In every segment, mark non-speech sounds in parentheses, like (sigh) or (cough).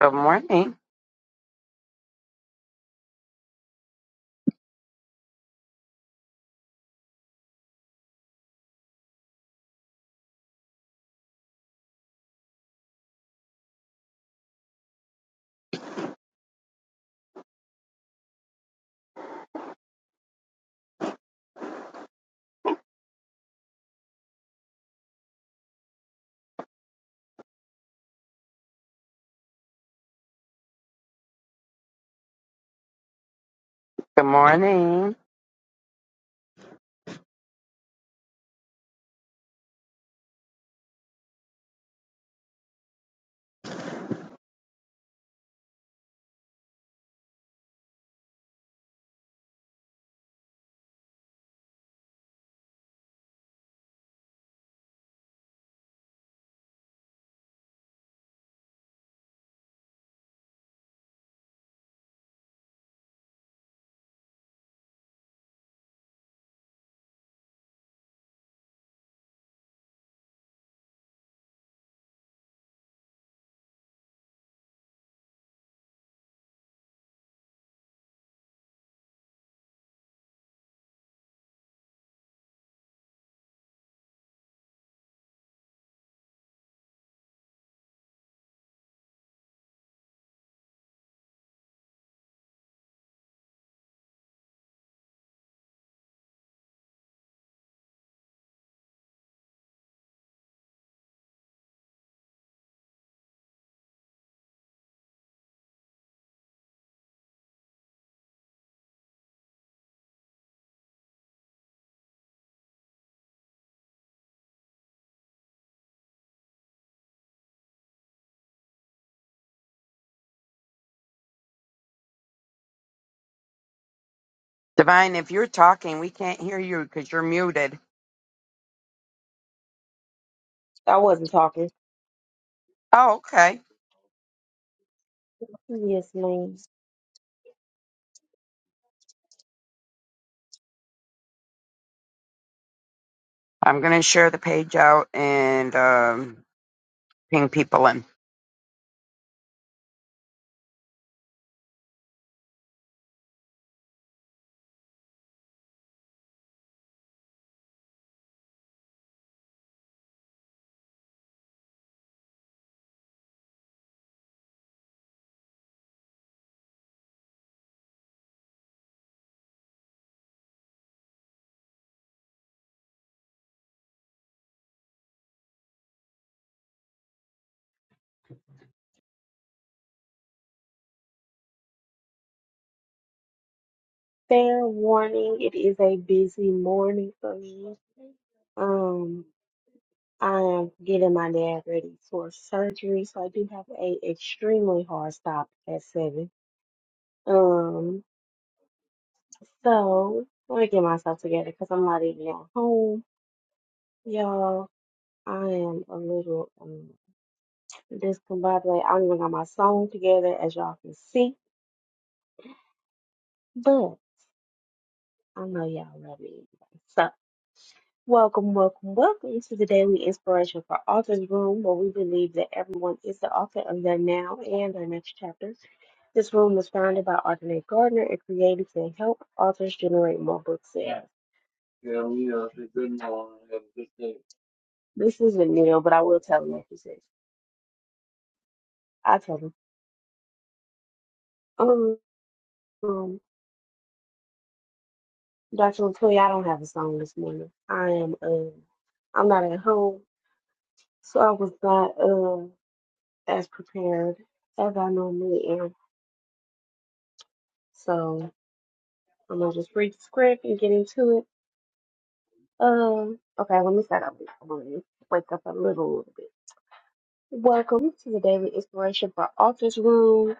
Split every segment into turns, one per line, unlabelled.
Good morning. Good morning. Divine, if you're talking, we can't hear you because you're muted.
I wasn't talking.
Oh, okay.
Yes, ma'am.
I'm going to share the page out and um, ping people in.
Fair warning, it is a busy morning for me. Um, I am getting my dad ready for surgery, so I do have a extremely hard stop at seven. Um, so let me get myself together because I'm not even at home, y'all. I am a little um discombobulated. I don't even got my song together, as y'all can see, but I know y'all love me. anyway, so Welcome, welcome, welcome to the Daily Inspiration for Authors Room, where we believe that everyone is the author of their now and their next chapter. This room was founded by Arthur Nate Gardner and created to help authors generate more book sales. Yeah, we know, it's good now. This isn't Neil, but I will tell him what he says. I tell him. Um, um Dr. Latoya, I don't have a song this morning. I am um I'm not at home, so I was not um as prepared as I normally am. So I'm gonna just read the script and get into it. Um, okay, let me start up. I'm gonna wake up a little, little bit. Welcome to the Daily Inspiration for Authors Room.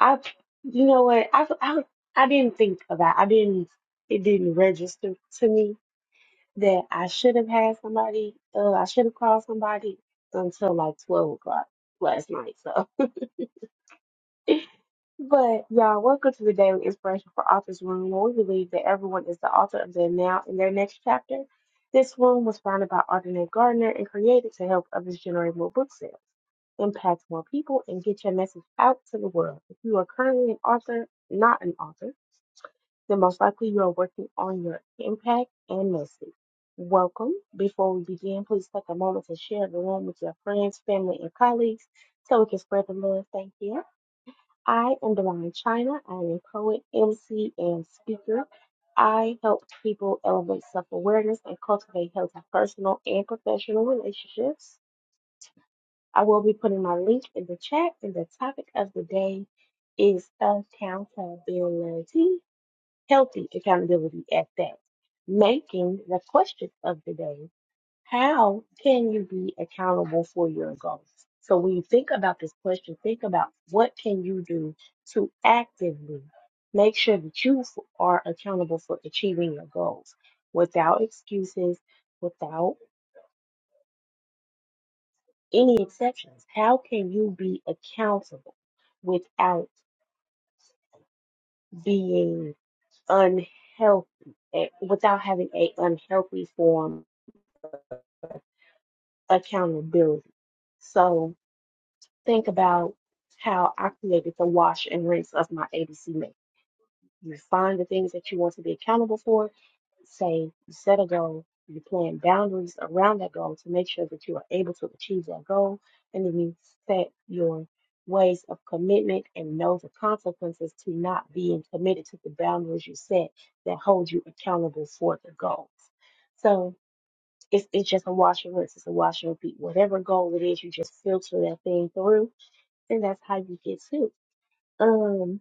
I, you know what? I, I, I didn't think about. I didn't. It didn't register to me that I should have had somebody. Uh, I should have called somebody until like twelve o'clock last night. So (laughs) But y'all, welcome to the Daily Inspiration for Authors Room, where we believe that everyone is the author of their now and their next chapter. This room was founded by Arthur Gardner and created to help others generate more book sales, impact more people, and get your message out to the world. If you are currently an author, not an author, then most likely you are working on your impact and message. Welcome. Before we begin, please take a moment to share the room with your friends, family, and colleagues so we can spread the love. Thank you. I am Divine China. I am a poet, MC, and speaker. I help people elevate self awareness and cultivate healthy personal and professional relationships. I will be putting my link in the chat, and the topic of the day is accountability, healthy accountability at that, making the question of the day. How can you be accountable for your goals? So when you think about this question, think about what can you do to actively make sure that you f- are accountable for achieving your goals without excuses, without any exceptions. How can you be accountable without being unhealthy, eh, without having a unhealthy form of accountability? So think about how I created the wash and rinse of my ABC map. You find the things that you want to be accountable for, say you set a goal, you plan boundaries around that goal to make sure that you are able to achieve that goal, and then you set your ways of commitment and know the consequences to not being committed to the boundaries you set that hold you accountable for the goals. So it's, it's just a wash and rinse, it's a wash and repeat. Whatever goal it is, you just filter that thing through and that's how you get sick. Um,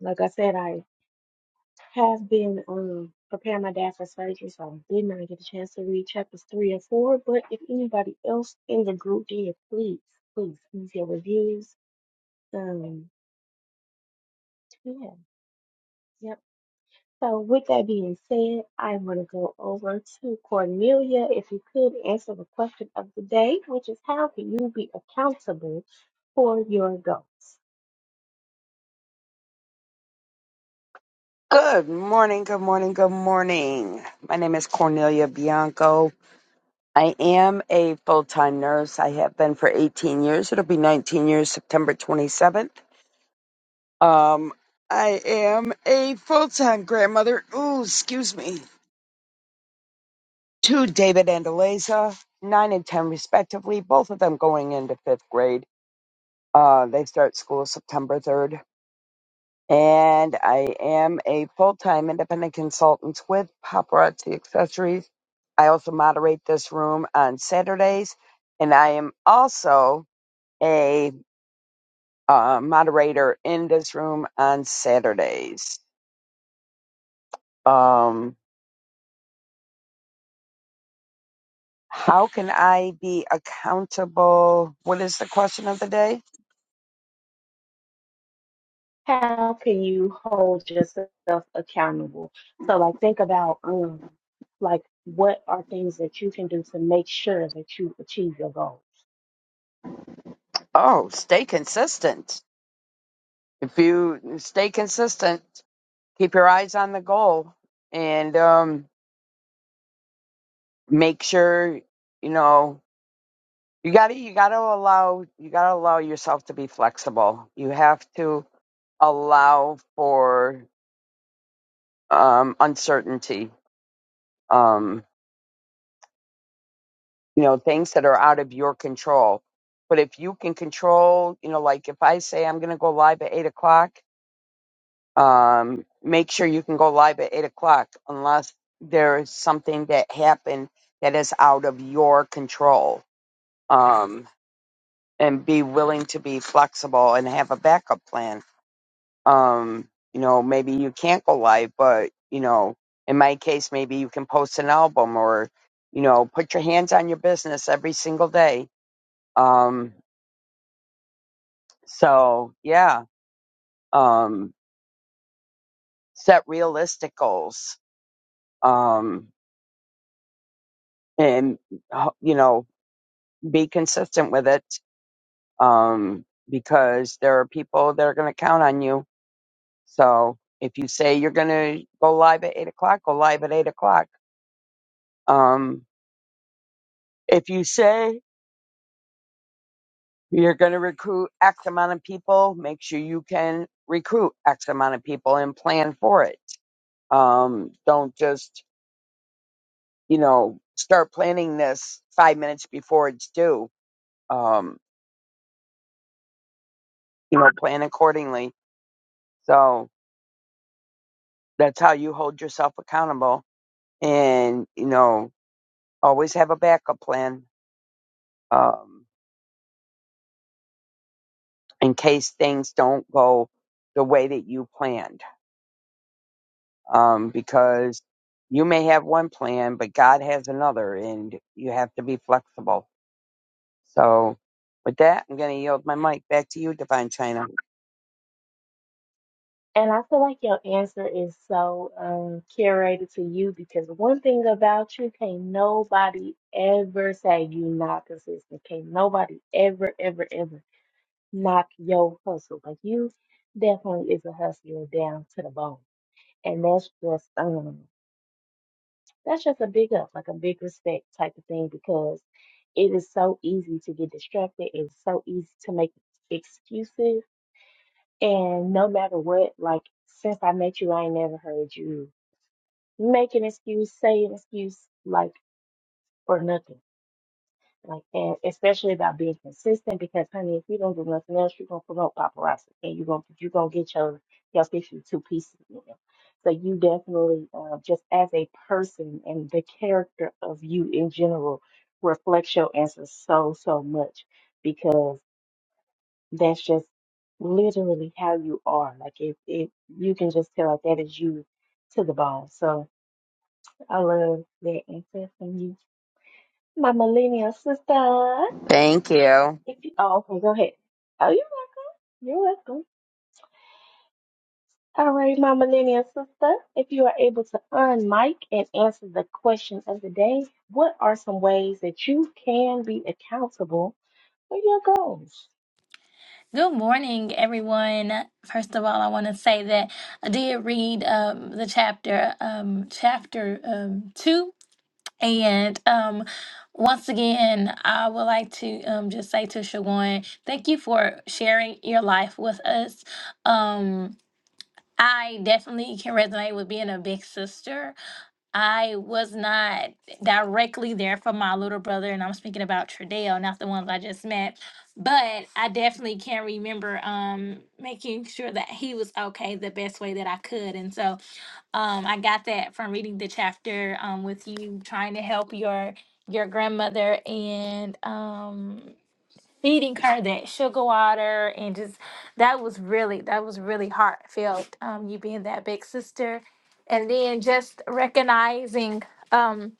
like I said, I have been um preparing my dad for surgery, so I did not get a chance to read chapters three and four. But if anybody else in the group did, please, please leave your reviews. Um, yeah, yep. So with that being said, I want to go over to Cornelia. If you could answer the question of the day, which is how can you be accountable for your goals?
Good morning. Good morning. Good morning. My name is Cornelia Bianco. I am a full time nurse. I have been for 18 years. It'll be 19 years, September 27th. Um, I am a full time grandmother. Ooh, excuse me. to David and nine and ten respectively, both of them going into fifth grade. Uh, they start school September 3rd. And I am a full time independent consultant with Paparazzi Accessories. I also moderate this room on Saturdays. And I am also a uh, moderator in this room on Saturdays. Um, how can I be accountable? What is the question of the day?
how can you hold yourself accountable? So like think about um like what are things that you can do to make sure that you achieve your goals.
Oh, stay consistent. If you stay consistent, keep your eyes on the goal and um make sure you know you got to you got to allow you got to allow yourself to be flexible. You have to allow for um uncertainty. Um you know, things that are out of your control. But if you can control, you know, like if I say I'm going to go live at eight o'clock um, make sure you can go live at eight o'clock unless there is something that happened that is out of your control. Um, and be willing to be flexible and have a backup plan. Um, you know, maybe you can't go live, but you know, in my case, maybe you can post an album or, you know, put your hands on your business every single day. Um, so yeah, um, set realistic goals. Um, and, uh, you know, be consistent with it um, because there are people that are going to count on you. So if you say you're going to go live at eight o'clock, go live at eight o'clock. Um, if you say you're going to recruit X amount of people, make sure you can recruit X amount of people and plan for it. Um, don't just, you know, start planning this five minutes before it's due. Um, you know, plan accordingly. So that's how you hold yourself accountable and you know always have a backup plan um, in case things don't go the way that you planned um, because you may have one plan but god has another and you have to be flexible so with that i'm going to yield my mic back to you divine china
And I feel like your answer is so um curated to you because one thing about you can't nobody ever say you not consistent. Can't nobody ever, ever, ever knock your hustle. Like you definitely is a hustler down to the bone. And that's just um That's just a big up, like a big respect type of thing, because it is so easy to get distracted. It's so easy to make excuses. And no matter what, like since I met you, I ain't never heard you make an excuse, say an excuse, like, or nothing. Like, and especially about being consistent because, honey, if you don't do nothing else, you're gonna promote paparazzi and you're gonna you're gonna get your your picture two pieces. You know? So you definitely, uh, just as a person and the character of you in general, reflects your answers so so much because that's just literally how you are. Like, if if you can just tell, like that is you to the bone. So I love that answer from you, my millennial sister.
thank you
If you, oh, okay, go ahead. Oh, you're welcome. You're welcome. All right, my millennial sister, if you are able to unmic and answer the question of the day, what are some ways that you can be accountable for your goals?
Good morning, everyone. First of all, I want to say that I did read um, the chapter, um, chapter um, two, and um, once again, I would like to um, just say to Shawan, thank you for sharing your life with us. Um, I definitely can resonate with being a big sister. I was not directly there for my little brother, and I'm speaking about Tradeo, not the ones I just met. But I definitely can remember um, making sure that he was okay the best way that I could. And so um, I got that from reading the chapter um, with you trying to help your your grandmother and um, feeding her that sugar water and just that was really that was really heartfelt um you being that big sister and then just recognizing um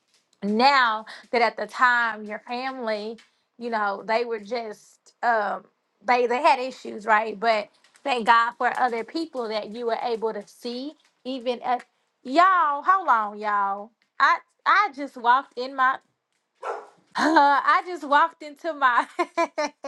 now that at the time your family you know they were just um they they had issues right but thank god for other people that you were able to see even at y'all hold on y'all i i just walked in my (laughs) I just walked into my (laughs)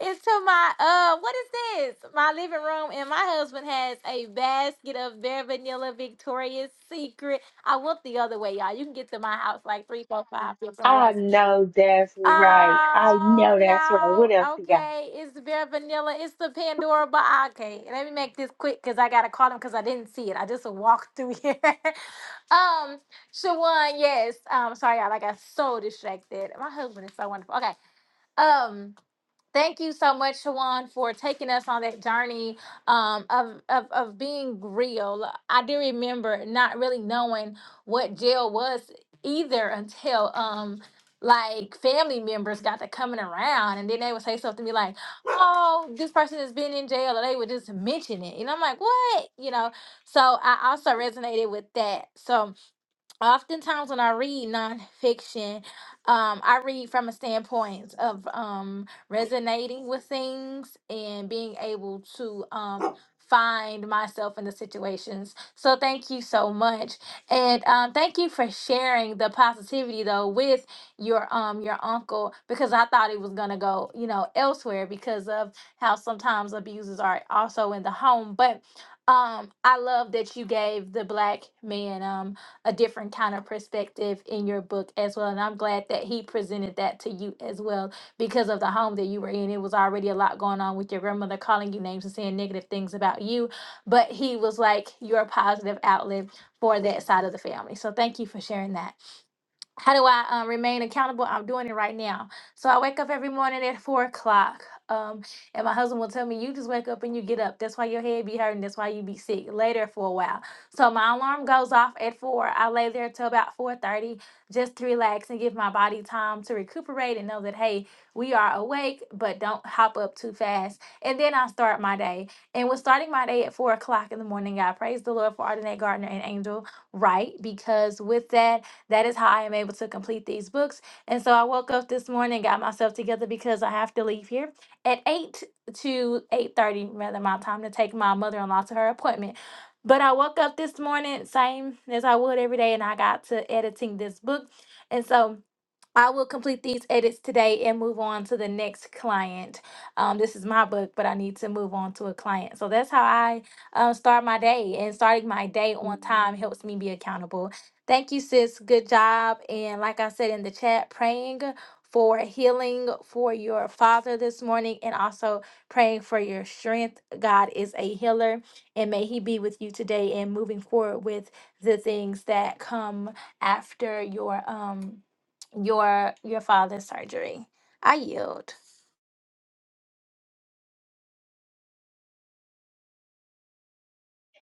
It's to my uh what is this? My living room and my husband has a basket of bare vanilla Victoria's Secret. I look the other way, y'all. You can get to my house like three, four, five different
I
ways.
know that's right. I
Oh,
know that's right. What
y'all.
else you got?
Okay. It's the bare vanilla. It's the Pandora box. Okay. Let me make this quick because I gotta call him because I didn't see it. I just walked through here. (laughs) um, Shawan, yes. Um, sorry, y'all. I got so distracted. My husband is so wonderful. Okay. Um Thank you so much, Shawan, for taking us on that journey um, of, of of being real. I do remember not really knowing what jail was either until um like family members got to coming around and then they would say something to me like, Oh, this person has been in jail, or they would just mention it. And I'm like, What? You know, so I also resonated with that. So oftentimes when I read nonfiction, um, I read from a standpoint of um, resonating with things and being able to um, find myself in the situations. So thank you so much, and um, thank you for sharing the positivity though with your um your uncle because I thought it was gonna go you know elsewhere because of how sometimes abuses are also in the home, but. Um, I love that you gave the black man um a different kind of perspective in your book as well. And I'm glad that he presented that to you as well because of the home that you were in. It was already a lot going on with your grandmother calling you names and saying negative things about you, but he was like your positive outlet for that side of the family. So thank you for sharing that how do I um, remain accountable? I'm doing it right now. So I wake up every morning at four o'clock. Um, and my husband will tell me, You just wake up and you get up. That's why your head be hurting. That's why you be sick later for a while. So my alarm goes off at four. I lay there till about four thirty just to relax and give my body time to recuperate and know that hey, we are awake, but don't hop up too fast. And then I start my day. And with starting my day at four o'clock in the morning, I praise the Lord for Ardenette Gardner and Angel Wright because with that that is how I am able to complete these books. And so I woke up this morning, got myself together because I have to leave here at 8 to 8.30, rather my time to take my mother-in-law to her appointment. But I woke up this morning, same as I would every day, and I got to editing this book. And so I will complete these edits today and move on to the next client. Um, this is my book, but I need to move on to a client. So that's how I um, start my day. And starting my day on time helps me be accountable. Thank you, sis. Good job. And like I said in the chat, praying for healing for your father this morning and also praying for your strength. God is a healer and may he be with you today and moving forward with the things that come after your um your your father's surgery. I yield.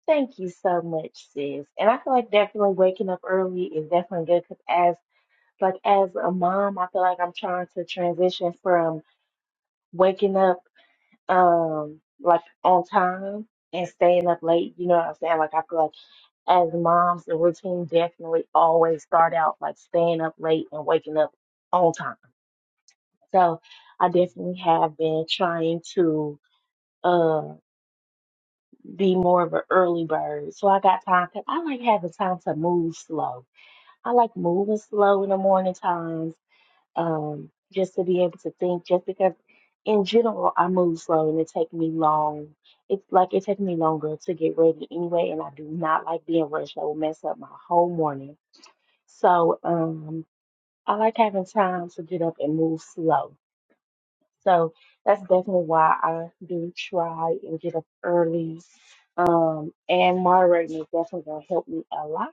Thank you so much, sis. And I feel like definitely waking up early is definitely good because as like as a mom, I feel like I'm trying to transition from waking up um like on time and staying up late. You know what I'm saying? Like I feel like as moms, the routine definitely always start out like staying up late and waking up on time. So I definitely have been trying to uh be more of an early bird. So I got time 'cause I like having time to move slow. I like moving slow in the morning times um, just to be able to think, just because in general I move slow and it takes me long. It's like it takes me longer to get ready anyway, and I do not like being rushed. I will mess up my whole morning. So um, I like having time to get up and move slow. So that's definitely why I do try and get up early. Um, and moderating is definitely gonna help me a lot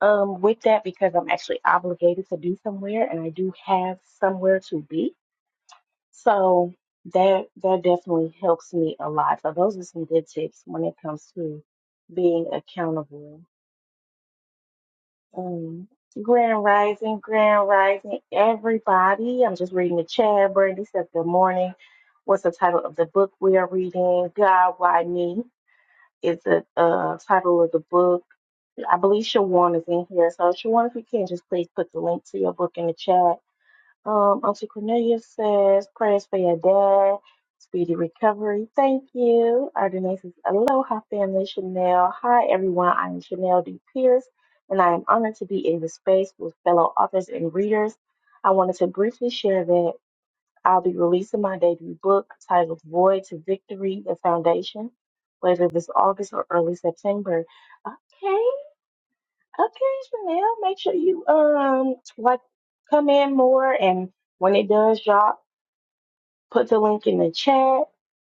um with that because I'm actually obligated to do somewhere and I do have somewhere to be. So that that definitely helps me a lot. So those are some good tips when it comes to being accountable. Um, Grand Rising, Grand Rising, everybody. I'm just reading the chat. Brandy said, "Good morning." What's the title of the book we are reading? God, why me? Is the uh, title of the book. I believe Shawan is in here. So Shawan, if you can, just please put the link to your book in the chat. Um, Auntie Cornelia says prayers for your dad, speedy recovery. Thank you. Ardenay says aloha, family. Chanel. Hi, everyone. I am Chanel D. Pierce, and I am honored to be in the space with fellow authors and readers. I wanted to briefly share that I'll be releasing my debut book titled Void to Victory: The Foundation later this August or early September. Okay, Okay, Chanel, make sure you um like come in more and when it does drop, put the link in the chat.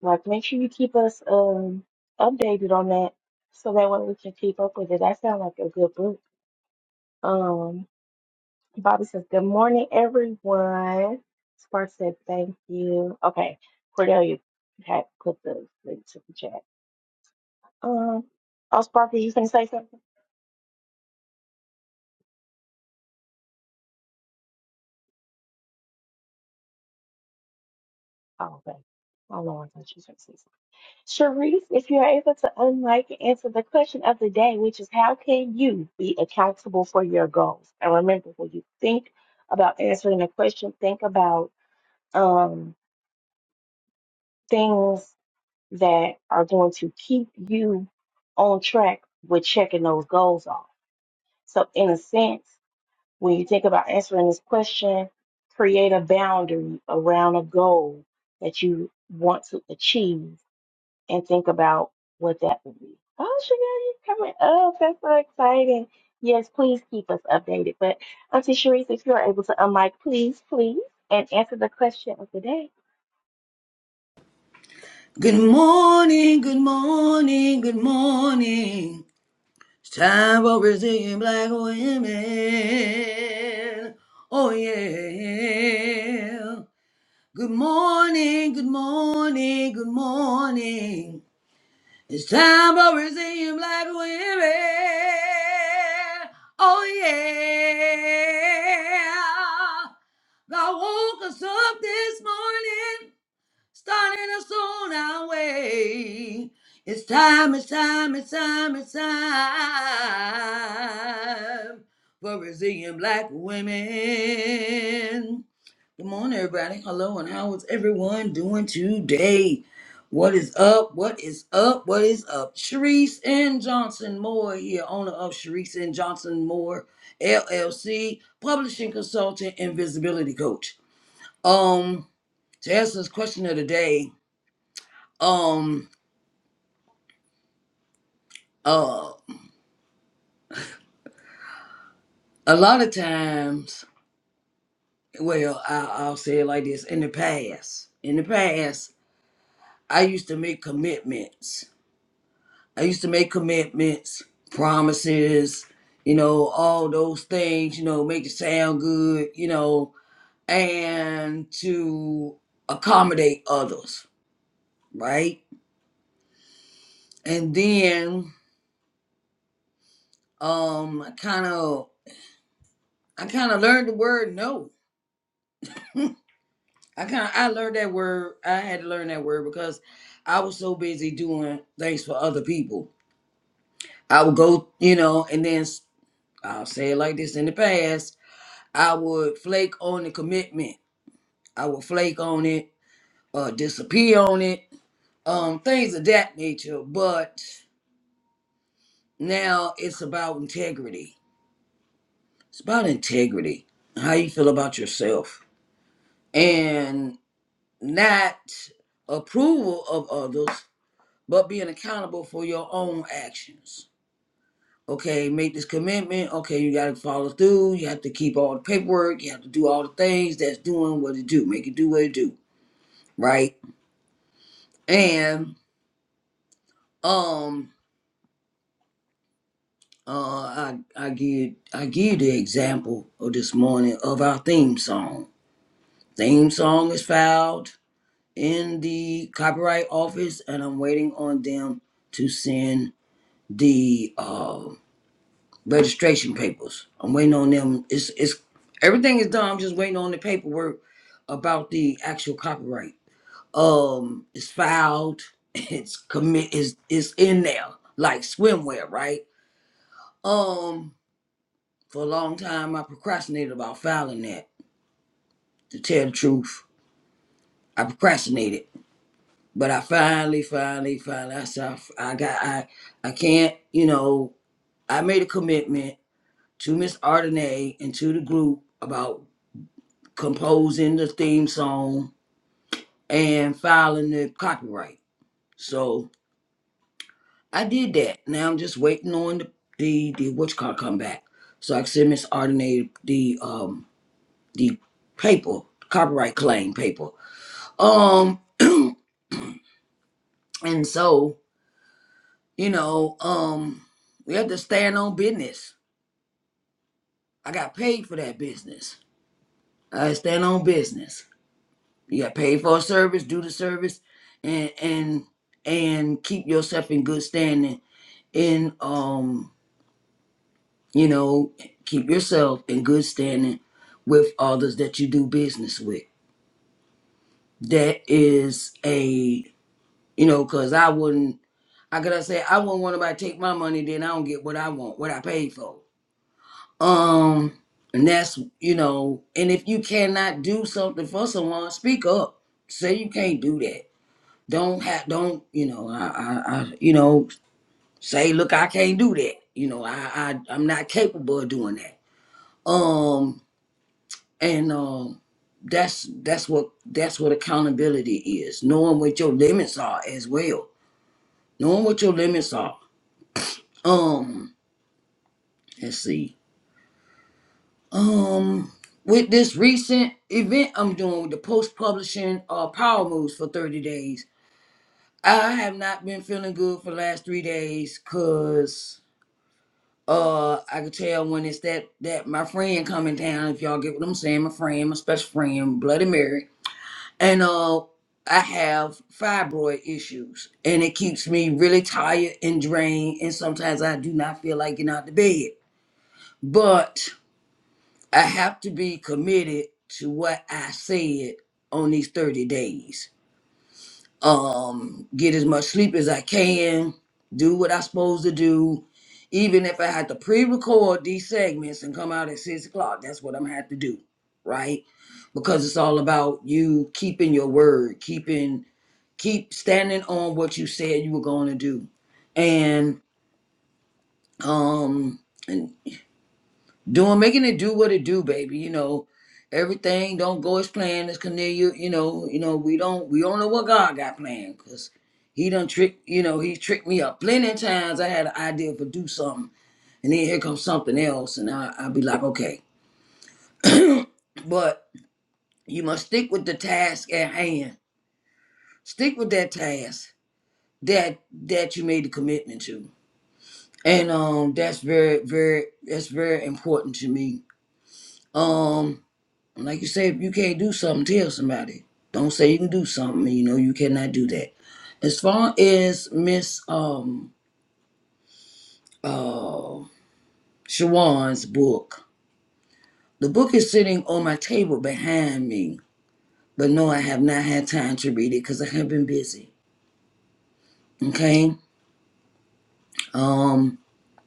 Like make sure you keep us um updated on that so that way we can keep up with it. That sounds like a good book. Um Bobby says, Good morning everyone. Spark said thank you. Okay, Cordelia had put the link to the chat. Um oh Sparky, you can say something? Oh okay. Oh Lord, I thought you were gonna say something. Sharice, if you're able to unmic and answer the question of the day, which is how can you be accountable for your goals? And remember, when you think about answering a question, think about um, things that are going to keep you on track with checking those goals off. So, in a sense, when you think about answering this question, create a boundary around a goal that you want to achieve and think about what that would be. Oh, sugar, you're coming up. That's so exciting. Yes, please keep us updated. But Auntie Sharice, if you're able to unmic, please, please, and answer the question of the
Good morning, good morning, good morning. It's time for Brazilian black women. Oh, yeah. Good morning, good morning, good morning. It's time for Brazilian black women. Oh, yeah. God woke us up this morning starting us on our way. It's time, it's time, it's time, it's time for Brazilian black women. Good morning, everybody. Hello, and how is everyone doing today? What is up? What is up? What is up? Sharice and Johnson Moore here, owner of Sharice and Johnson Moore LLC, publishing consultant and visibility coach. Um, to answer this question of the day, um, uh, a lot of times, well, I, I'll say it like this: in the past, in the past, I used to make commitments. I used to make commitments, promises, you know, all those things, you know, make it sound good, you know, and to accommodate others, right? And then, um, I kind of, I kind of learned the word no I kind of I learned that word. I had to learn that word because I was so busy doing things for other people. I would go, you know, and then s- I'll say it like this in the past. I would flake on the commitment. I would flake on it, uh, disappear on it, um, things of that nature. But now it's about integrity. It's about integrity. How you feel about yourself and not approval of others, but being accountable for your own actions. Okay, make this commitment. Okay, you got to follow through. You have to keep all the paperwork. You have to do all the things that's doing what it do. Make it do what it do, right? And um, uh, I I give I give the example of this morning of our theme song. Theme song is filed in the copyright office, and I'm waiting on them to send the uh, registration papers. I'm waiting on them. It's it's everything is done. I'm just waiting on the paperwork about the actual copyright. Um, it's filed. (laughs) It's commit. Is it's in there like swimwear, right? Um, for a long time I procrastinated about filing that. To tell the truth, I procrastinated, but I finally, finally, finally, I said, I I got, I, I can't. You know, I made a commitment to Miss Ardenay and to the group about composing the theme song and filing the copyright. So I did that. Now I'm just waiting on the the, the what's called come back. So I can send Miss Ardenay the um the paper, copyright claim paper. Um (clears throat) and so, you know, um we have to stand on business. I got paid for that business. I stand on business. You got paid for a service, do the service and and and keep yourself in good standing and um, you know, keep yourself in good standing with others that you do business with. That is a you know, cause I wouldn't how could I say I wouldn't want nobody to take my money, then I don't get what I want, what I paid for. Um and that's you know, and if you cannot do something for someone, speak up. Say you can't do that. Don't have don't, you know, I I, I you know, say look I can't do that. You know, I, I I'm not capable of doing that um and um that's that's what that's what accountability is knowing what your limits are as well knowing what your limits are um let's see um with this recent event i'm doing with the post publishing uh power moves for 30 days i have not been feeling good for the last three days because uh i could tell when it's that that my friend coming down if y'all get what i'm saying my friend my special friend bloody mary and uh I have fibroid issues and it keeps me really tired and drained and sometimes I do not feel like getting out of bed. But I have to be committed to what I said on these 30 days. Um get as much sleep as I can, do what I'm supposed to do. Even if I had to pre-record these segments and come out at six o'clock, that's what I'm gonna have to do, right? Because it's all about you keeping your word, keeping keep standing on what you said you were going to do and um and doing making it do what it do baby you know everything don't go as planned as cornelia you know you know we don't we don't know what god got planned because he done trick you know he tricked me up plenty of times i had an idea for do something and then here comes something else and i i'll be like okay but you must stick with the task at hand stick with that task that that you made the commitment to And um that's very very that's very important to me. Um like you say if you can't do something tell somebody. Don't say you can do something and you know you cannot do that. As far as Miss um uh Shawan's book, the book is sitting on my table behind me, but no I have not had time to read it cuz I have been busy. Okay? Um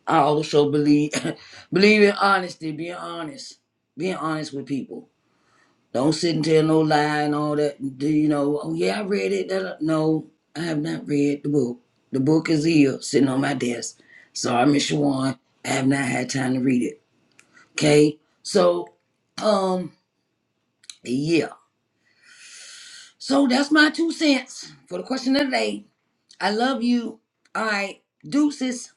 I also believe (laughs) believe in honesty, being honest, being honest with people Don't sit and tell no lie and all that. Do you know? Oh yeah, I read it. da, No, I have not read the book. The book is here, sitting on my desk. Sorry, Miss Shawan, I have not had time to read it. Okay, so um, yeah. So that's my two cents for the question of the day. I love you. All right, deuces.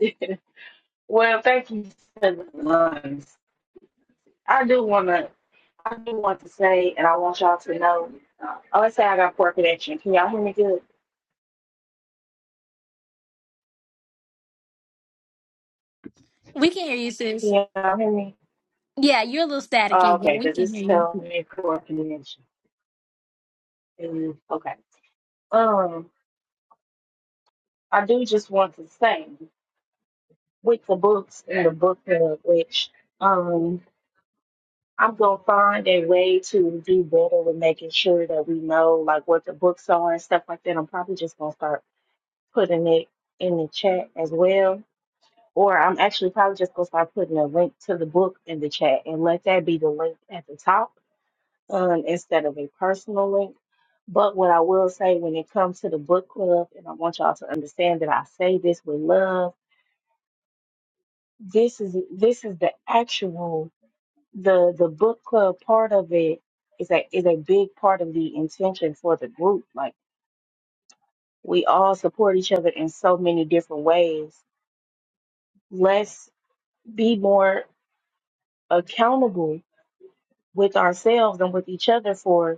day. (laughs) Well, thank you for the lines. I do want to, I do want to say, and I want y'all to know. Uh, Oh, let's say I got poor connection. Can y'all hear me good?
We can hear you, sis.
Can y'all hear me?
Yeah, you're a little
Oh,
staticky, but
okay,
we
because
can
it's
hear you.
telling me poor connection. Mm, Okay. Um, I do just want to say. with the books in the book club, which um I'm gonna find a way to do better with making sure that we know like what the books are and stuff like that. I'm probably just gonna start putting it in the chat as well. Or I'm actually probably just gonna start putting a link to the book in the chat and let that be the link at the top um, instead of a personal link. But what I will say when it comes to the book club, and I want y'all to understand that I say this with love, this is this is the actual the the book club part of it is a is a big part of the intention for the group. Like we all support each other in so many different ways. Let's be more accountable with ourselves and with each other for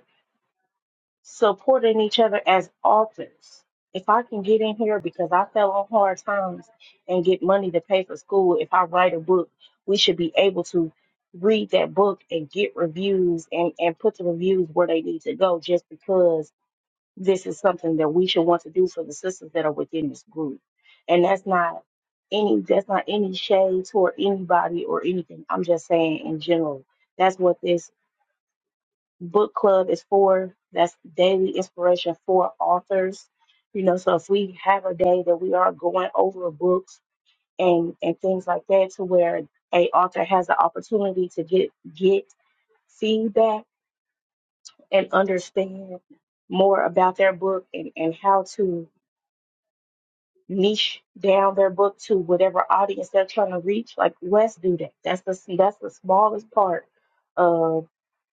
supporting each other as authors. If I can get in here because I fell on hard times and get money to pay for school, if I write a book, we should be able to read that book and get reviews and, and put the reviews where they need to go just because this is something that we should want to do for the sisters that are within this group. And that's not any that's not any shade toward anybody or anything. I'm just saying in general. That's what this book club is for. That's daily inspiration for authors. You know, so if we have a day that we are going over books and and things like that, to where a author has the opportunity to get get feedback and understand more about their book and and how to niche down their book to whatever audience they're trying to reach. Like let's do that. That's the that's the smallest part of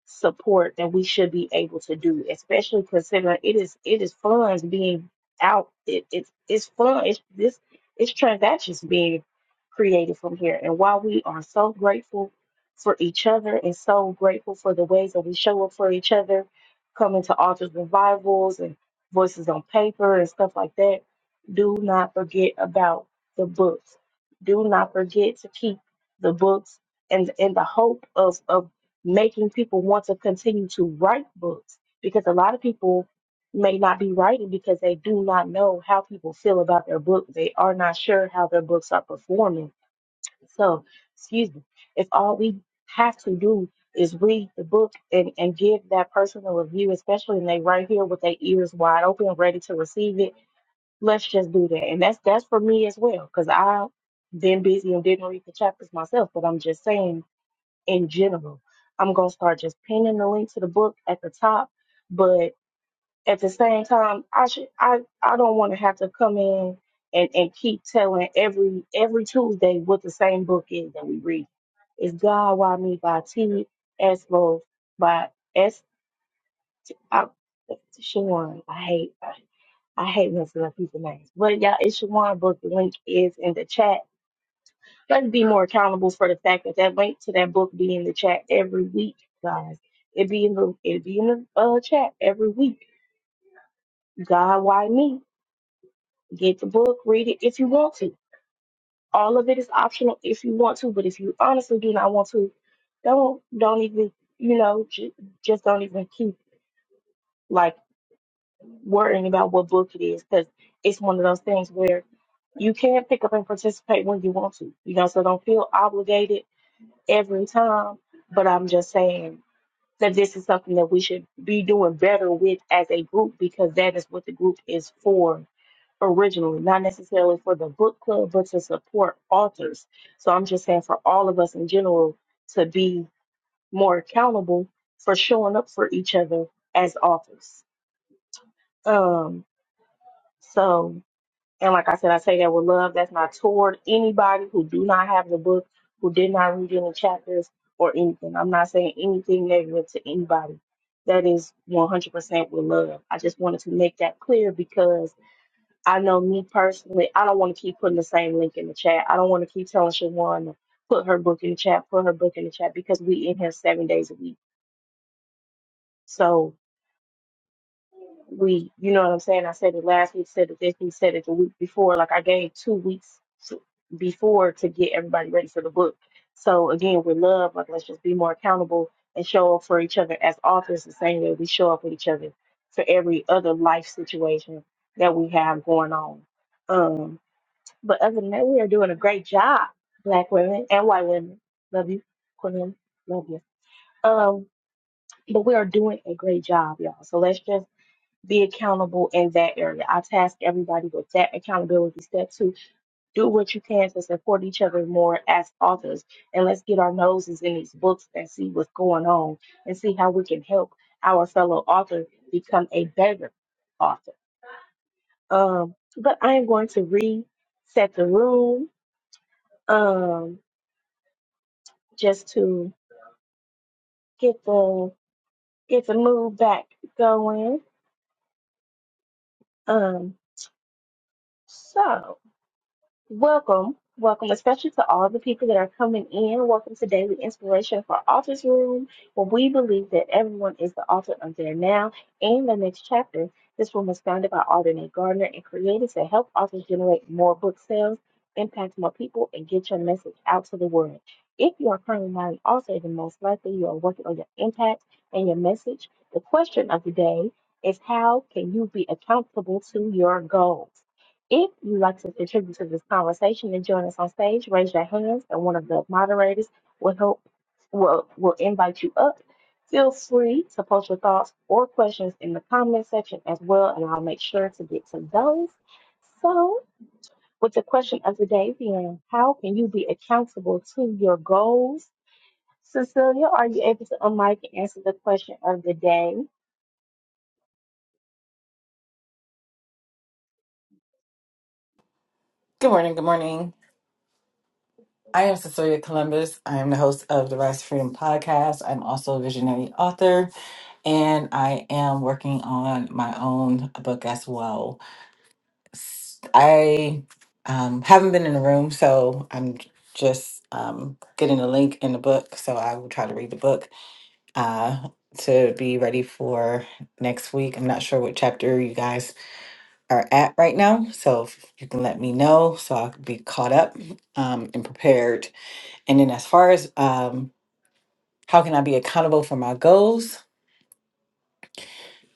support that we should be able to do, especially considering it is it is funds being out. It, it's it's fun. It's this it's transactions being created from here. And while we are so grateful for each other and so grateful for the ways that we show up for each other, coming to altars revivals and voices on paper and stuff like that do not forget about the books. Do not forget to keep the books and in the hope of, of making people want to continue to write books because a lot of people may not be writing because they do not know how people feel about their book. They are not sure how their books are performing. So, excuse me, if all we have to do is read the book and, and give that person a review, especially when they right here with their ears wide open, ready to receive it Let's just do that. And that's that's for me as well, because I've been busy and didn't read the chapters myself, but I'm just saying in general, I'm gonna start just pinning the link to the book at the top. But at the same time, I should I, I don't wanna have to come in and, and keep telling every every Tuesday what the same book is that we read. It's God Why Me by T S Love by S I, Shawn. I hate. I hate messing up people's names. But y'all, it's Shawan book. The link is in the chat. Let's be more accountable for the fact that that link to that book be in the chat every week, guys. It be in the it be in the uh, chat every week. God, why me? Get the book, read it if you want to. All of it is optional if you want to, but if you honestly do not want to, don't don't even you know j- just don't even keep like. worrying about what book it is because it's one of those things where you can pick up and participate when you want to, you know, so don't feel obligated every time. But I'm just saying that this is something that we should be doing better with as a group because that is what the group is for originally, not necessarily for the book club, but to support authors. So I'm just saying for all of us in general to be more accountable for showing up for each other as authors. Um, so And like I said, I say that with love. That's not toward anybody who do not have the book, who did not read any chapters or anything. I'm not saying anything negative to anybody. That is 100% with love. I just wanted to make that clear because I know me personally, I don't want to keep putting the same link in the chat. I don't want to keep telling Shawan to put her book in the chat, put her book in the chat because we in here seven days a week. So we, you know what I'm saying? I said it last week, said it this week, said it the week before. Like I gave two weeks to, before to get everybody ready for the book. So again, with love, like let's just be more accountable and show up for each other as authors the same way we show up with each other for every other life situation that we have going on. Um, but other than that, we are doing a great job, black women and white women. Love you, Quinn. Love you. Um, but we are doing a great job, y'all. So let's just be accountable in that area. I task everybody with that accountability. Step two, do what you can to support each other more as authors. And let's get our noses in these books and see what's going on and see how we can help our fellow author become a better author. Um, but I am going to reset the room um, just to get the get the mood back going. Um, so Welcome, welcome, especially to all the people that are coming in. Welcome to Daily Inspiration for Authors Room, where we believe that everyone is the author of their now and the next chapter. This room was founded by Author Nate Gardner and created to help authors generate more book sales, impact more people, and get your message out to the world. If you are currently not an author, then most likely you are working on your impact and your message. The question of the day is how can you be accountable to your goals? If you'd like to contribute to this conversation and join us on stage, raise your hands and one of the moderators will help will will invite you up. Feel free to post your thoughts or questions in the comment section as well, and I'll make sure to get to those. So, with the question of the day being, how can you be accountable to your goals? Cecilia, are you able to unmic and answer the question of the day?
Good morning. Good morning. I am Cecilia Columbus. I am the host of the Rise to Freedom podcast. I'm also a visionary author, and I am working on my own book as well. S- I um, haven't been in the room, so I'm j- just um, getting the link in the book. So I will try to read the book uh, to be ready for next week. I'm not sure what chapter you guys are at right now, so if you can let me know so I'll be caught up um, and prepared And then as far as um, how can I be accountable for my goals?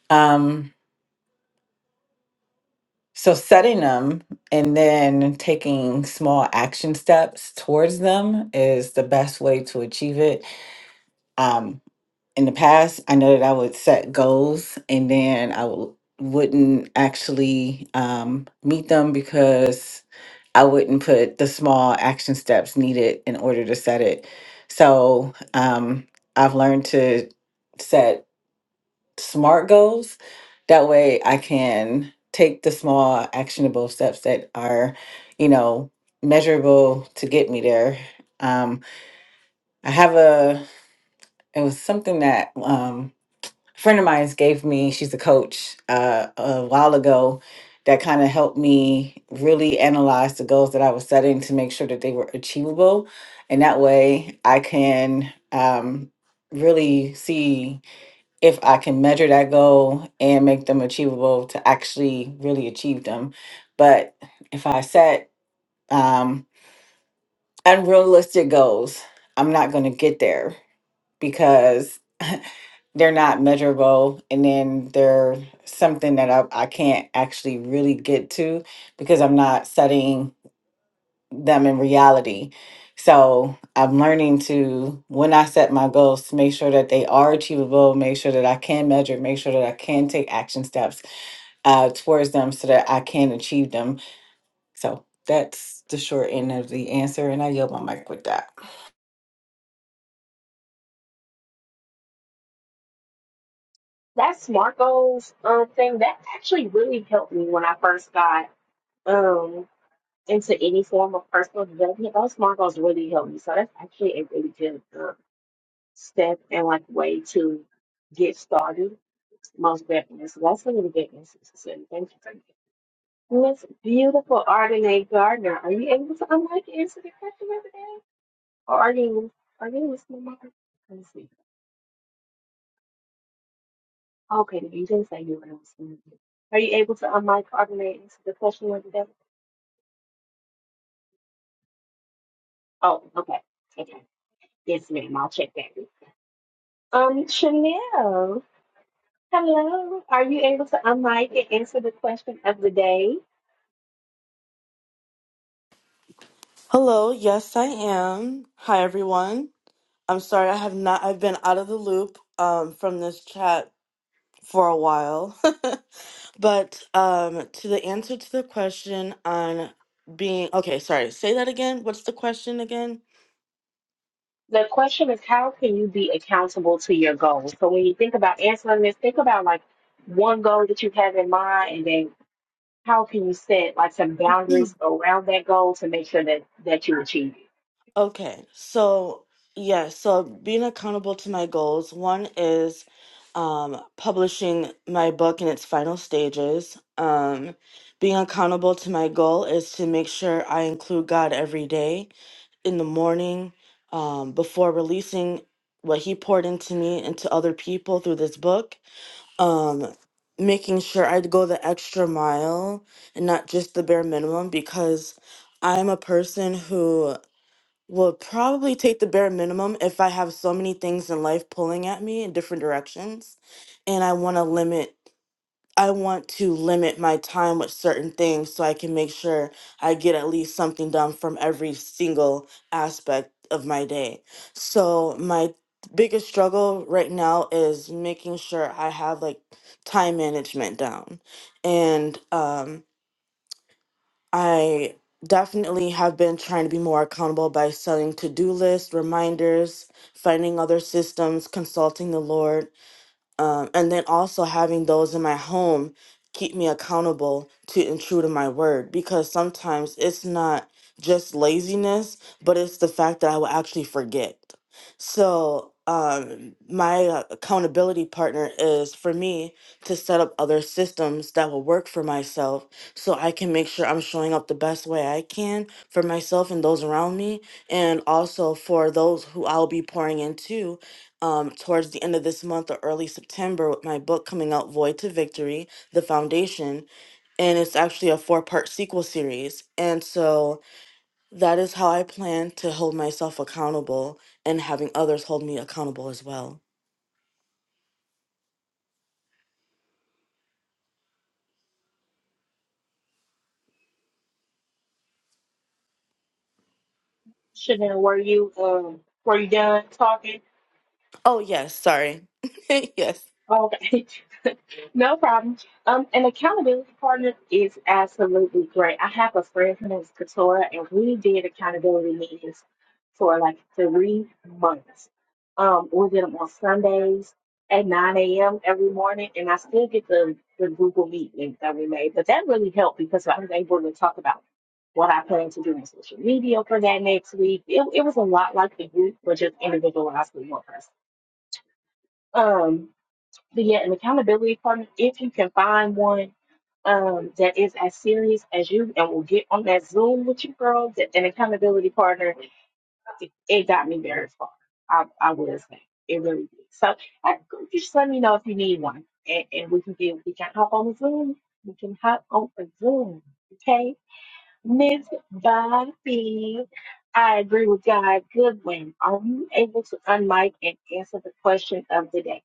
Um, so setting them and then taking small action steps towards them is the best way to achieve it. Um, in the past, I know that I would set goals and then I w- wouldn't actually um, meet them because I wouldn't put the small action steps needed in order to set it. So um, I've learned to set SMART goals. That way I can take the small actionable steps that are, you know, measurable to get me there. Um, I have a, it was something that um, a friend of mine gave me, she's a coach uh, a while ago that kind of helped me really analyze the goals that I was setting to make sure that they were achievable. And that way I can um, really see if I can measure that goal and make them achievable to actually really achieve them. But if I set um, unrealistic goals, I'm not going to get there because (laughs) they're not measurable and then they're something that I, I can't actually really get to because I'm not setting them in reality. So I'm learning to, when I set my goals, to make sure that they are achievable, make sure that I can measure, make sure that I can take action steps uh, towards them so that I can achieve them. So that's the short end of the answer. And I yield my mic with that.
That SMART goals uh, thing that actually really helped me when I first got. um. into any form of personal development, those markers really help me. So that's actually a really good uh, step and like way to get started. Most definitely. So that's a really good insight. Cecilia. Thank you. Thank you. Miss beautiful Ardenae Gardner, are you able to unlike and answer the question of the day? Or are you are you listening, Mom? Let me see. Okay, you didn't say you were listening. Are you able to unlike Ardenae and answer the question of the day? Oh, okay. Okay. Yes, ma'am. I'll check that. Um, Chanel. Hello. Are you able to unmic and answer the question of the day?
Hello, yes, I am. Hi, everyone. I'm sorry, I have not, I've been out of the loop um, from this chat for a while. (laughs) But um, to the answer to the question on being, okay, sorry, say that again. What's the question again?
The question is how can you be accountable to your goals? So when you think about answering this, think about like one goal that you have in mind and then how can you set like some boundaries around that goal to make sure that that you achieve it?
Okay, so yeah, so being accountable to my goals. One is um, publishing my book in its final stages. Um, being accountable to my goal is to make sure I include God every day in the morning um, before releasing what he poured into me and to other people through this book um, making sure i'd go the extra mile and not just the bare minimum because i'm a person who will probably take the bare minimum if i have so many things in life pulling at me in different directions and i want to limit I want to limit my time with certain things so I can make sure I get at least something done from every single aspect of my day. So, my biggest struggle right now is making sure I have like time management down. And um, I definitely have been trying to be more accountable by setting to do lists, reminders, finding other systems, consulting the Lord um, and then also having those in my home keep me accountable to and true to my word because sometimes it's not just laziness but it's the fact that i will actually forget so um, my uh, accountability partner is for me to set up other systems that will work for myself so i can make sure i'm showing up the best way i can for myself and those around me and also for those who i'll be pouring into um, towards the end of this month or early September with my book coming out, Void to Victory, The Foundation. And it's actually a four part sequel series. And so that is how I plan to hold myself accountable and having others hold me accountable as well.
Chanel, were you um were you done talking?
Oh, yes, sorry. (laughs) yes,
Okay. (laughs) No problem. Um, an accountability partner is absolutely great. I have a friend who name's Katora, and we did accountability meetings for like three months. Um, we did them on Sundays at 9 a.m. every morning, and I still get the, the Google Meet link that we made. But that really helped because I was able to talk about what I plan to do on social media for that next week. It, it was a lot like the group, but just individualized with one person. Um, but yeah, an accountability partner, if you can find one um, that is as serious as you and will get on that Zoom with you, girl, that an accountability partner, it, it got me very far. I, I will say. It really did. So I, just let me know if you need one and, and we can get, we can hop on the Zoom. We can hop on the Zoom. Okay. Miss Bobby, I agree with God Goodwin. Are you able to unmic and answer the question of the day?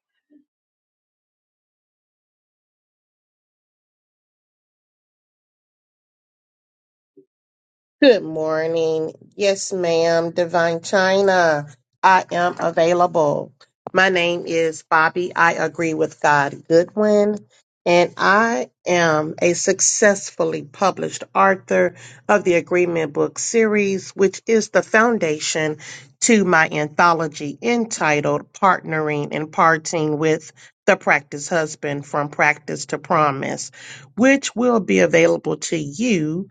Good morning. Yes, ma'am. Divine China. I am available. My name is Bobby. I agree with God Goodwin. And I am a successfully published author of the Agreement Book Series, which is the foundation to my anthology entitled Partnering and Parting with the Practice Husband from Practice to Promise, which will be available to you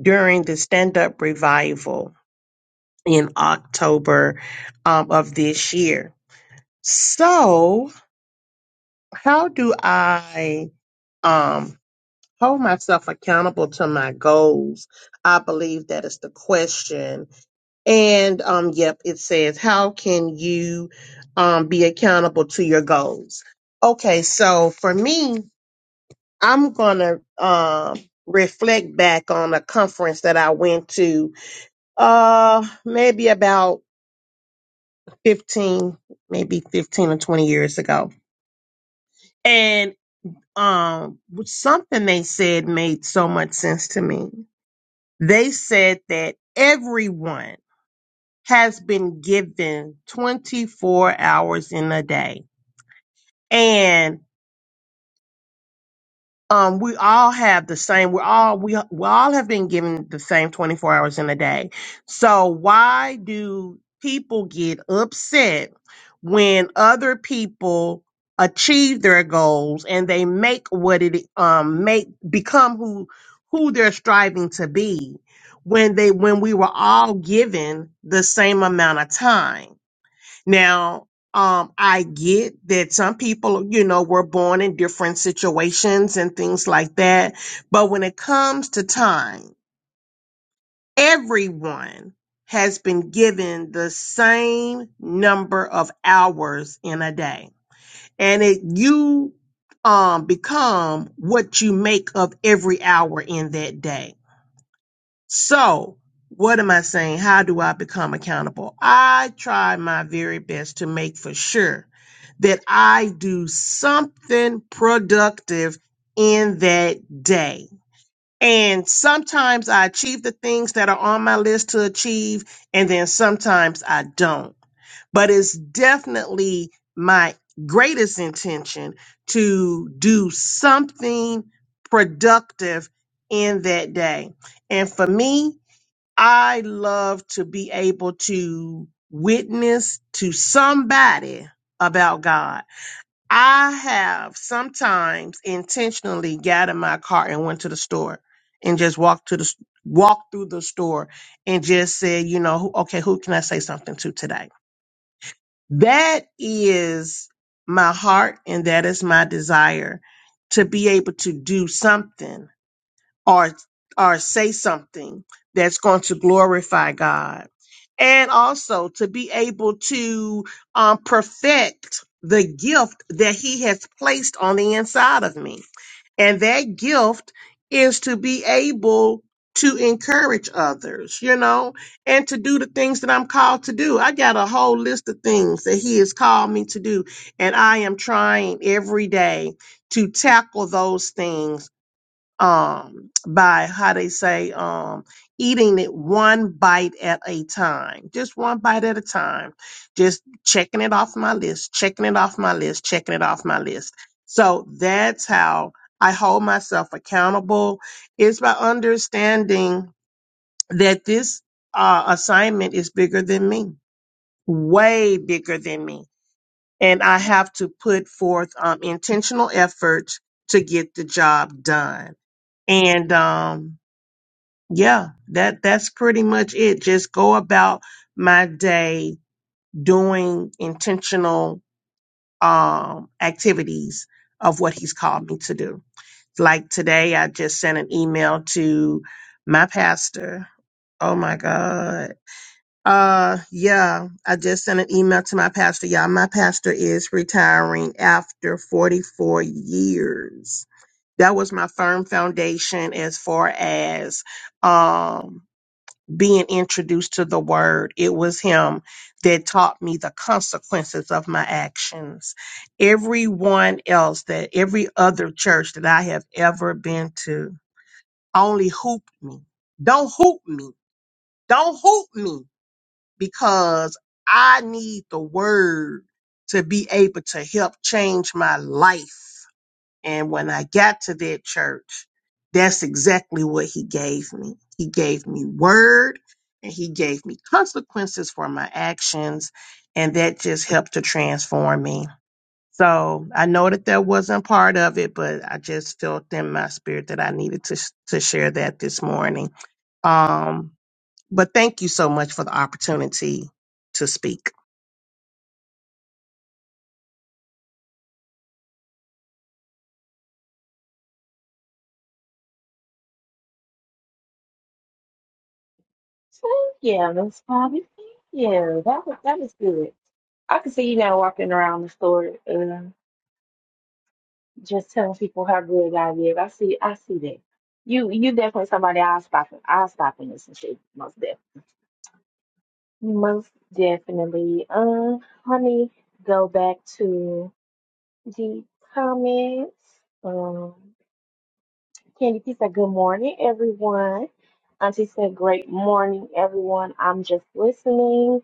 during the stand up revival in October um, of this year. So, how do I um, hold myself accountable to my goals? I believe that is the question. And um, yep, it says, how can you um, be accountable to your goals? Okay, so for me, I'm going to um, reflect back on a conference that I went to uh, maybe about 15, maybe 15 or 20 years ago. And um, something they said made so much sense to me. They said that everyone has been given 24 hours in a day. And um, we all have the same. We all we we all have been given the same twenty four hours in a day. So why do people get upset when other people achieve their goals and they make what it um make become who who they're striving to be when they when we were all given the same amount of time? Now, um, I get that some people, you know, were born in different situations and things like that. But when it comes to time, everyone has been given the same number of hours in a day. And it, you, um, become what you make of every hour in that day. So, what am I saying? How do I become accountable? I try my very best to make for sure that I do something productive in that day. And sometimes I achieve the things that are on my list to achieve, and then sometimes I don't. But it's definitely my greatest intention to do something productive in that day. And for me, I love to be able to witness to somebody about God. I have sometimes intentionally got in my car and went to the store and just walked to the walked through the store and just said, you know, who- okay, who can I say something to today? That is my heart and that is my desire to be able to do something or or say something that's going to glorify God and also to be able to um, perfect the gift that he has placed on the inside of me. And that gift is to be able to encourage others, you know, and to do the things that I'm called to do. I got a whole list of things that he has called me to do, and I am trying every day to tackle those things um by how they say um eating it one bite at a time just one bite at a time just checking it off my list checking it off my list checking it off my list so that's how i hold myself accountable is by understanding that this uh, assignment is bigger than me way bigger than me and i have to put forth um, intentional effort to get the job done and um yeah that that's pretty much it just go about my day doing intentional um activities of what he's called me to do like today i just sent an email to my pastor oh my god uh yeah i just sent an email to my pastor yeah my pastor is retiring after 44 years that was my firm foundation as far as um being introduced to the word. It was him that taught me the consequences of my actions. Everyone else that every other church that I have ever been to only hooped me. Don't hoop me. Don't hoop me because I need the word to be able to help change my life. And when I got to that church, that's exactly what he gave me. He gave me word and he gave me consequences for my actions. And that just helped to transform me. So I know that that wasn't part of it, but I just felt in my spirit that I needed to, sh- to share that this morning. Um, but thank you so much for the opportunity to speak.
Thank you, Miss Bobby. Thank you. That was that was good. I can see you now walking around the store, uh, just telling people how good God is. I see, I see that. You, you definitely somebody I'll stop. I'll stop and listen to most definitely. Most definitely. Uh, let me go back to the comments. Um, Candy P said, "Good morning, everyone." Auntie said, "Great morning, everyone. I'm just listening."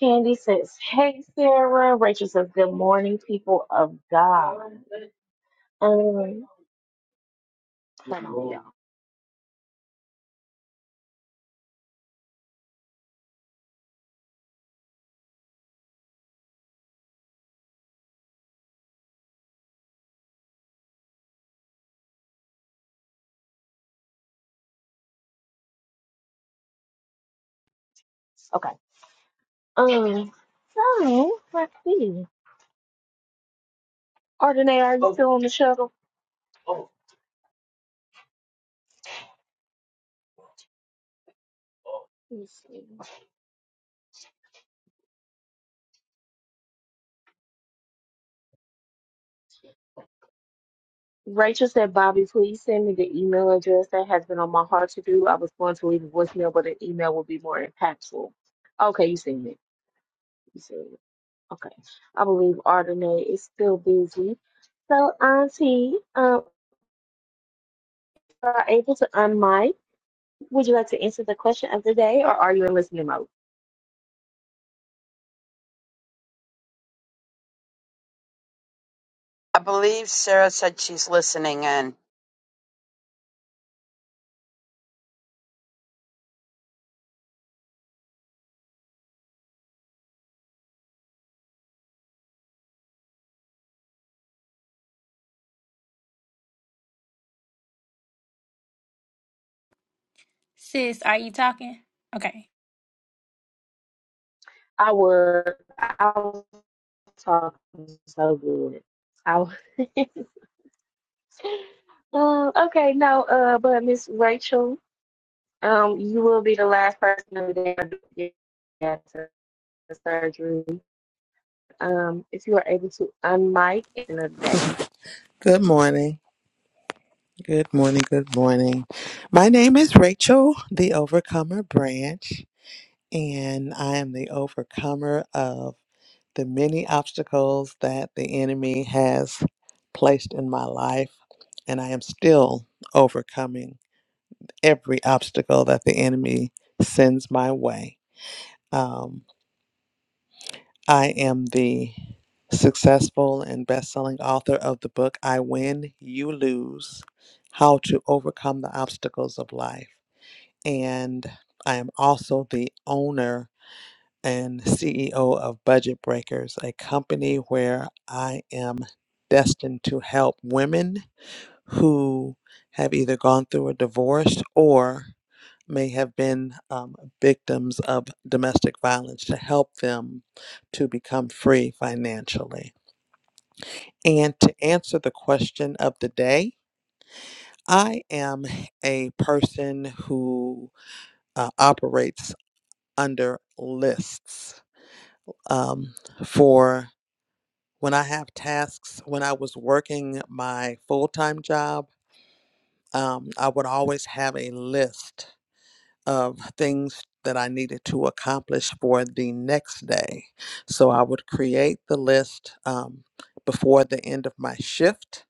Candy says, Hey, Sarah. Rachel says, Good morning, people of God. Um, hold on, y'all. Okay. Um, so, let's see. Ardenae, are you still on the shuttle? Let me see. Rachel said, Bobby, please send me the email address that has been on my heart to do. I was going to leave a voicemail, but an email would be more impactful. Okay, you seen it. You seen it. Okay. I believe Ardenae is still busy. So, Auntie, um, if you are able to unmic. Would you like to answer the question of the day, or are you in listening mode?
i believe sarah said she's listening in
Sis, are you talking? Okay.
I would. I was talking so good. I was, (laughs) um, okay, no, uh, but Miss Rachel, um, you will be the last person of the day to get to the surgery. Um, if you are able to unmic in the day.
Good morning. Good morning. Good morning. My name is Rachel, the Overcomer Branch, and I am the overcomer of the many obstacles that the enemy has placed in my life. And I am still overcoming every obstacle that the enemy sends my way. Um, I am the successful and best-selling author of the book I Win, You Lose: How to Overcome the Obstacles of Life. And I am also the owner and CEO of Budget Breakers, a company where I am destined to help women who have either gone through a divorce or may have been um, victims of domestic violence to help them to become free financially. And to answer the question of the day, I am a person who uh, operates under lists um, for when I have tasks. When I was working my full time job, um, I would always have a list of things that I needed to accomplish for the next day. So I would create the list um, before the end of my shift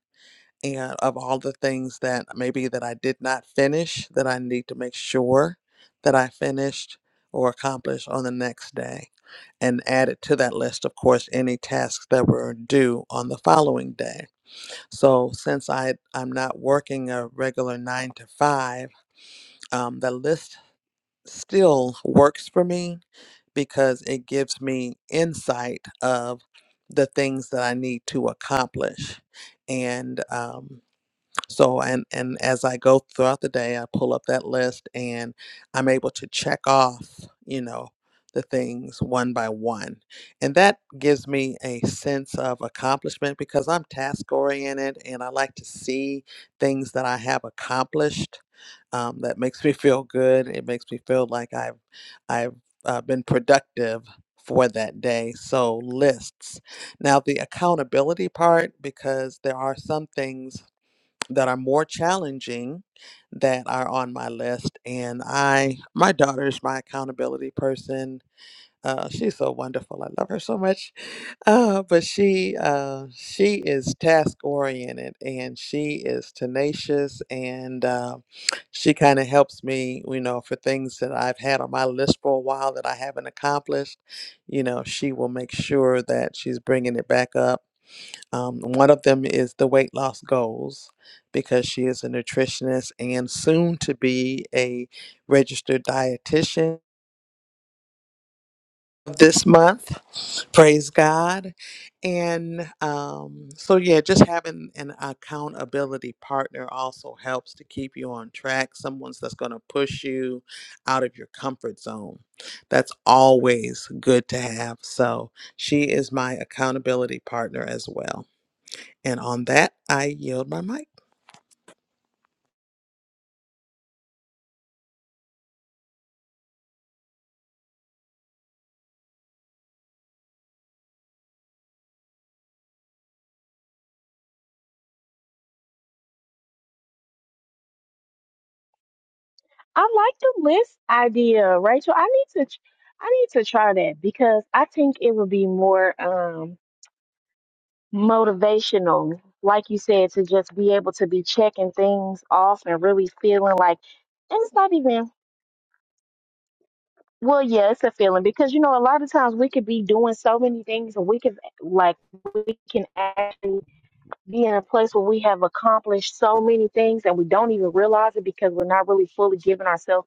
and of all the things that maybe that I did not finish that I need to make sure that I finished or accomplished on the next day. And added to that list, of course, any tasks that were due on the following day. So since I, I'm not working a regular nine to five, um, the list still works for me because it gives me insight of the things that I need to accomplish. And um, so, and, and as I go throughout the day, I pull up that list and I'm able to check off, you know, the things one by one. And that gives me a sense of accomplishment because I'm task oriented and I like to see things that I have accomplished um, that makes me feel good. It makes me feel like I've I've uh, been productive for that day. So lists. Now the accountability part, because there are some things that are more challenging that are on my list, and I my daughter is my accountability person. Uh, she's so wonderful. I love her so much uh, but she uh, she is task oriented and she is tenacious and uh, she kind of helps me, you know, for things that I've had on my list for a while that I haven't accomplished. You know, she will make sure that she's bringing it back up. Um, one of them is the weight loss goals because she is a nutritionist and soon to be a registered dietitian this month. Praise God. And um, so, yeah, just having an accountability partner also helps to keep you on track. Someone's that's going to push you out of your comfort zone. That's always good to have. So, she is my accountability partner as well. And on that, I yield my mic.
I like the list idea, Rachel. I need to, I need to try that because I think it would be more. um motivational, like you said, to just be able to be checking things off and really feeling like and it's not even well, yeah, it's a feeling because you know a lot of times we could be doing so many things and we could like we can actually be in a place where we have accomplished so many things and we don't even realize it because we're not really fully giving ourselves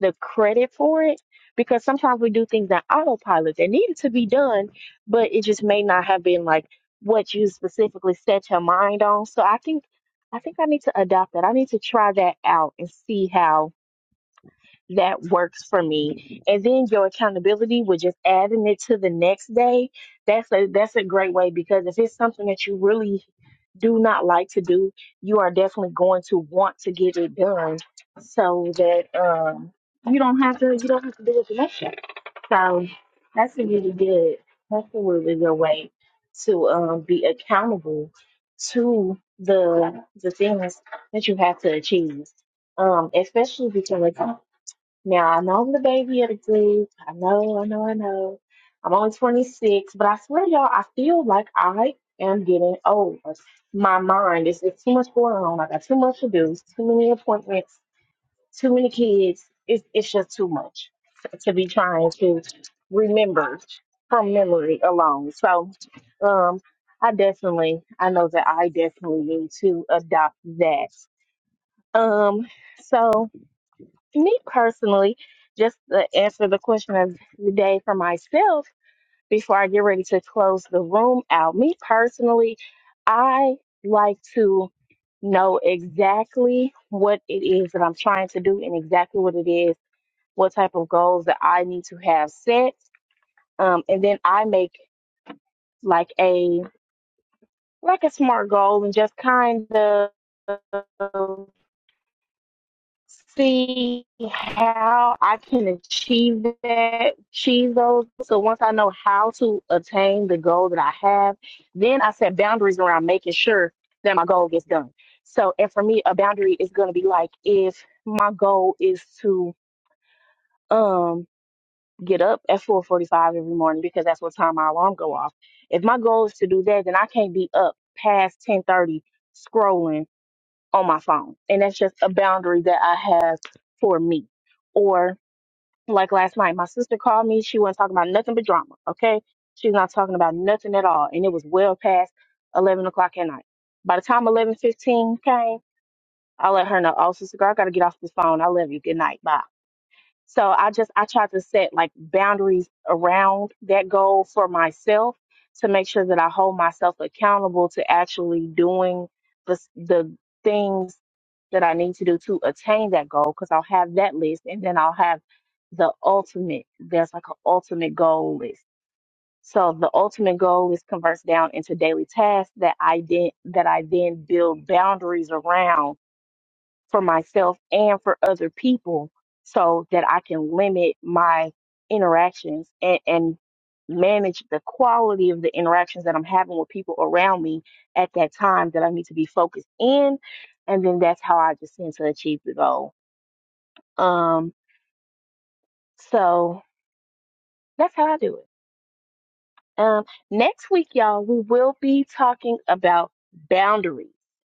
the credit for it. Because sometimes we do things on autopilot that needed to be done, but it just may not have been like what you specifically set your mind on. So I think I think I need to adopt that. I need to try that out and see how that works for me. And then your accountability with just adding it to the next day, that's a that's a great way because if it's something that you really do not like to do, you are definitely going to want to get it done so that um you don't have to you don't have to do it the next day. So that's a really good that's a really good way to um be accountable to the the things that you have to achieve um, especially because like, now I know I'm the baby of the group. I know, I know, I know. I'm only 26, but I swear, y'all, I feel like I am getting older. My mind is it's too much going on. I got too much to do, too many appointments, too many kids. It's it's just too much to be trying to remember from memory alone. So, um, I definitely, I know that I definitely need to adopt that. Um, so me personally, just to answer the question of the day for myself before I get ready to close the room out, me personally, I like to know exactly what it is that I'm trying to do and exactly what it is, what type of goals that I need to have set. Um, and then I make like a like a smart goal and just kind of see how I can achieve that, achieve those. So once I know how to attain the goal that I have, then I set boundaries around making sure that my goal gets done. So, and for me, a boundary is going to be like if my goal is to um get up at 4:45 every morning because that's what time my alarm go off. If my goal is to do that, then I can't be up past 10:30 scrolling on my phone. And that's just a boundary that I have for me. Or like last night, my sister called me. She wasn't talking about nothing but drama. Okay. She's not talking about nothing at all. And it was well past 11 o'clock at night. By the time 11.15 came, I let her know, oh, sister girl, I got to get off this phone. I love you. Good night. Bye. So I just I tried to set like boundaries around that goal for myself to make sure that I hold myself accountable to actually doing the s- the things that I need to do to attain that goal because I'll have that list and then I'll have the ultimate there's like an ultimate goal list. So the ultimate goal is converts down into daily tasks that I then that I then build boundaries around for myself and for other people so that I can limit my interactions and, and manage the quality of the interactions that I'm having with people around me at that time that I need to be focused in. And then that's how I just tend to achieve the goal. Um, so that's how I do it. Um, next week, y'all, we will be talking about boundaries.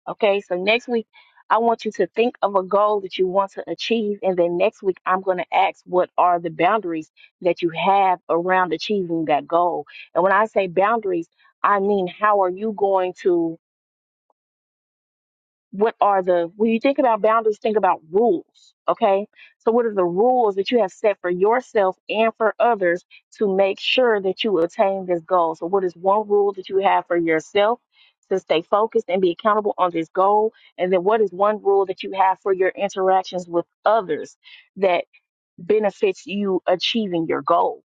Okay, so next week, I want you to think of a goal that you want to achieve, and then next week, I'm going to ask what are the boundaries that you have around achieving that goal. And when I say boundaries, I mean how are you going to what are the when you think about boundaries think about rules okay so what are the rules that you have set for yourself and for others to make sure that you attain this goal so what is one rule that you have for yourself to stay focused and be accountable on this goal and then what is one rule that you have for your interactions with others that benefits you achieving your goal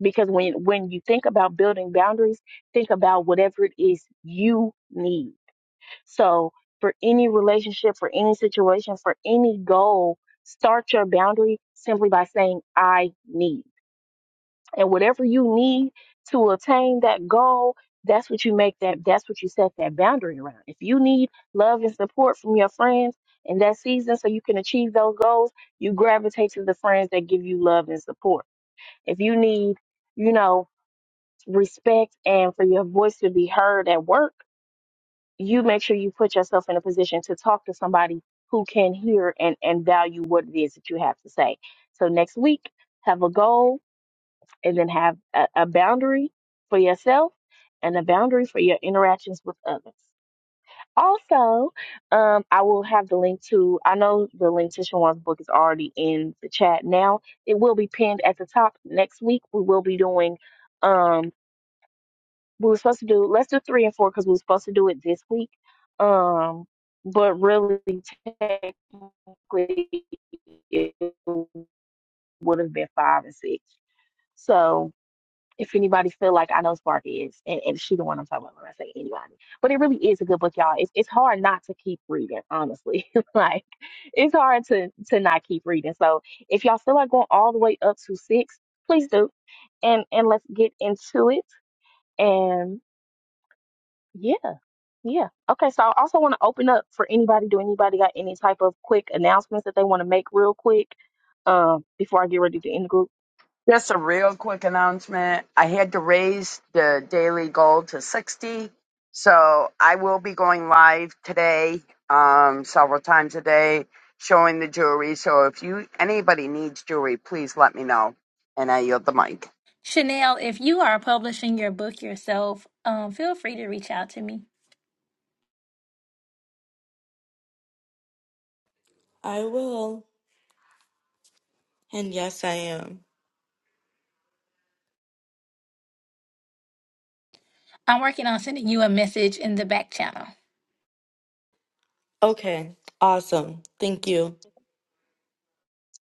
because when when you think about building boundaries think about whatever it is you need so, for any relationship, for any situation, for any goal, start your boundary simply by saying, I need. And whatever you need to attain that goal, that's what you make that, that's what you set that boundary around. If you need love and support from your friends in that season so you can achieve those goals, you gravitate to the friends that give you love and support. If you need, you know, respect and for your voice to be heard at work, you make sure you put yourself in a position to talk to somebody who can hear and, and value what it is that you have to say. So next week, have a goal and then have a, a boundary for yourself and a boundary for your interactions with others. Also, um, I will have the link to, I know the link to Shawan's book is already in the chat now. It will be pinned at the top. Next week, we will be doing um, we were supposed to do let's do three and four because we were supposed to do it this week um but really technically it would have been five and six so if anybody feel like i know spark is and, and she the one i'm talking about when i say anybody but it really is a good book y'all it's, it's hard not to keep reading honestly (laughs) like it's hard to to not keep reading so if y'all feel like going all the way up to six please do and and let's get into it and yeah Yeah. Okay. So I also want to open up for anybody. Do anybody got any type of quick announcements that they want to make real quick um, before I get ready to end the group?
Just a real quick announcement. I had to raise the daily goal to 60. So I will be going live today, um, several times a day, showing the jewelry. So if you anybody needs jewelry, please let me know. And I yield the mic.
Chanel, if you are publishing your book yourself, um, feel free to reach out to me.
I will. And yes, I am.
I'm working on sending you a message in the back channel.
Okay, awesome. Thank you.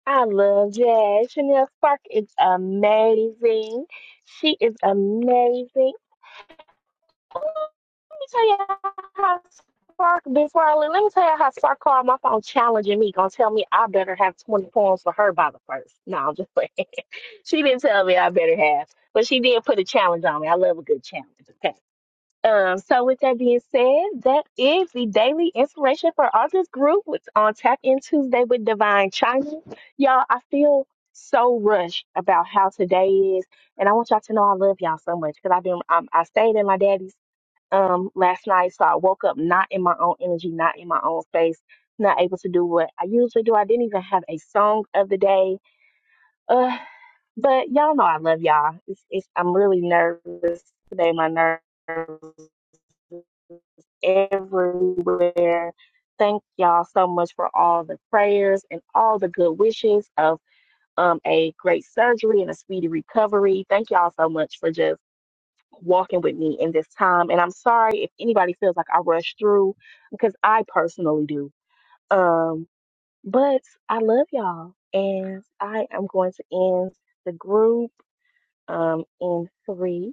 I love jazz. Chanel Spark is amazing. She is amazing. Oh, Let me tell you how Spark, before I leave, let me tell you how Spark called my phone challenging me, gonna tell me I better have 20 poems for her by the first. No, I'm just playing. (laughs) she didn't tell me I better have, but she did put a challenge on me. I love a good challenge. Okay. Um, so with that being said, that is the daily inspiration for August group with on Tap In Tuesday with Divine China. Y'all, I feel so rushed about how today is, and I want y'all to know I love y'all so much because I've been i I stayed in my daddy's um last night, so I woke up not in my own energy, not in my own space, not able to do what I usually do. I didn't even have a song of the day, uh, but y'all know I love y'all. It's, it's I'm really nervous today. My nerves everywhere. Thank y'all so much for all the prayers and all the good wishes of um, a great surgery and a speedy recovery. Thank y'all so much for just walking with me in this time. And I'm sorry if anybody feels like I rushed through because I personally do. Um, but I love y'all. And I am going to end the group um, in three,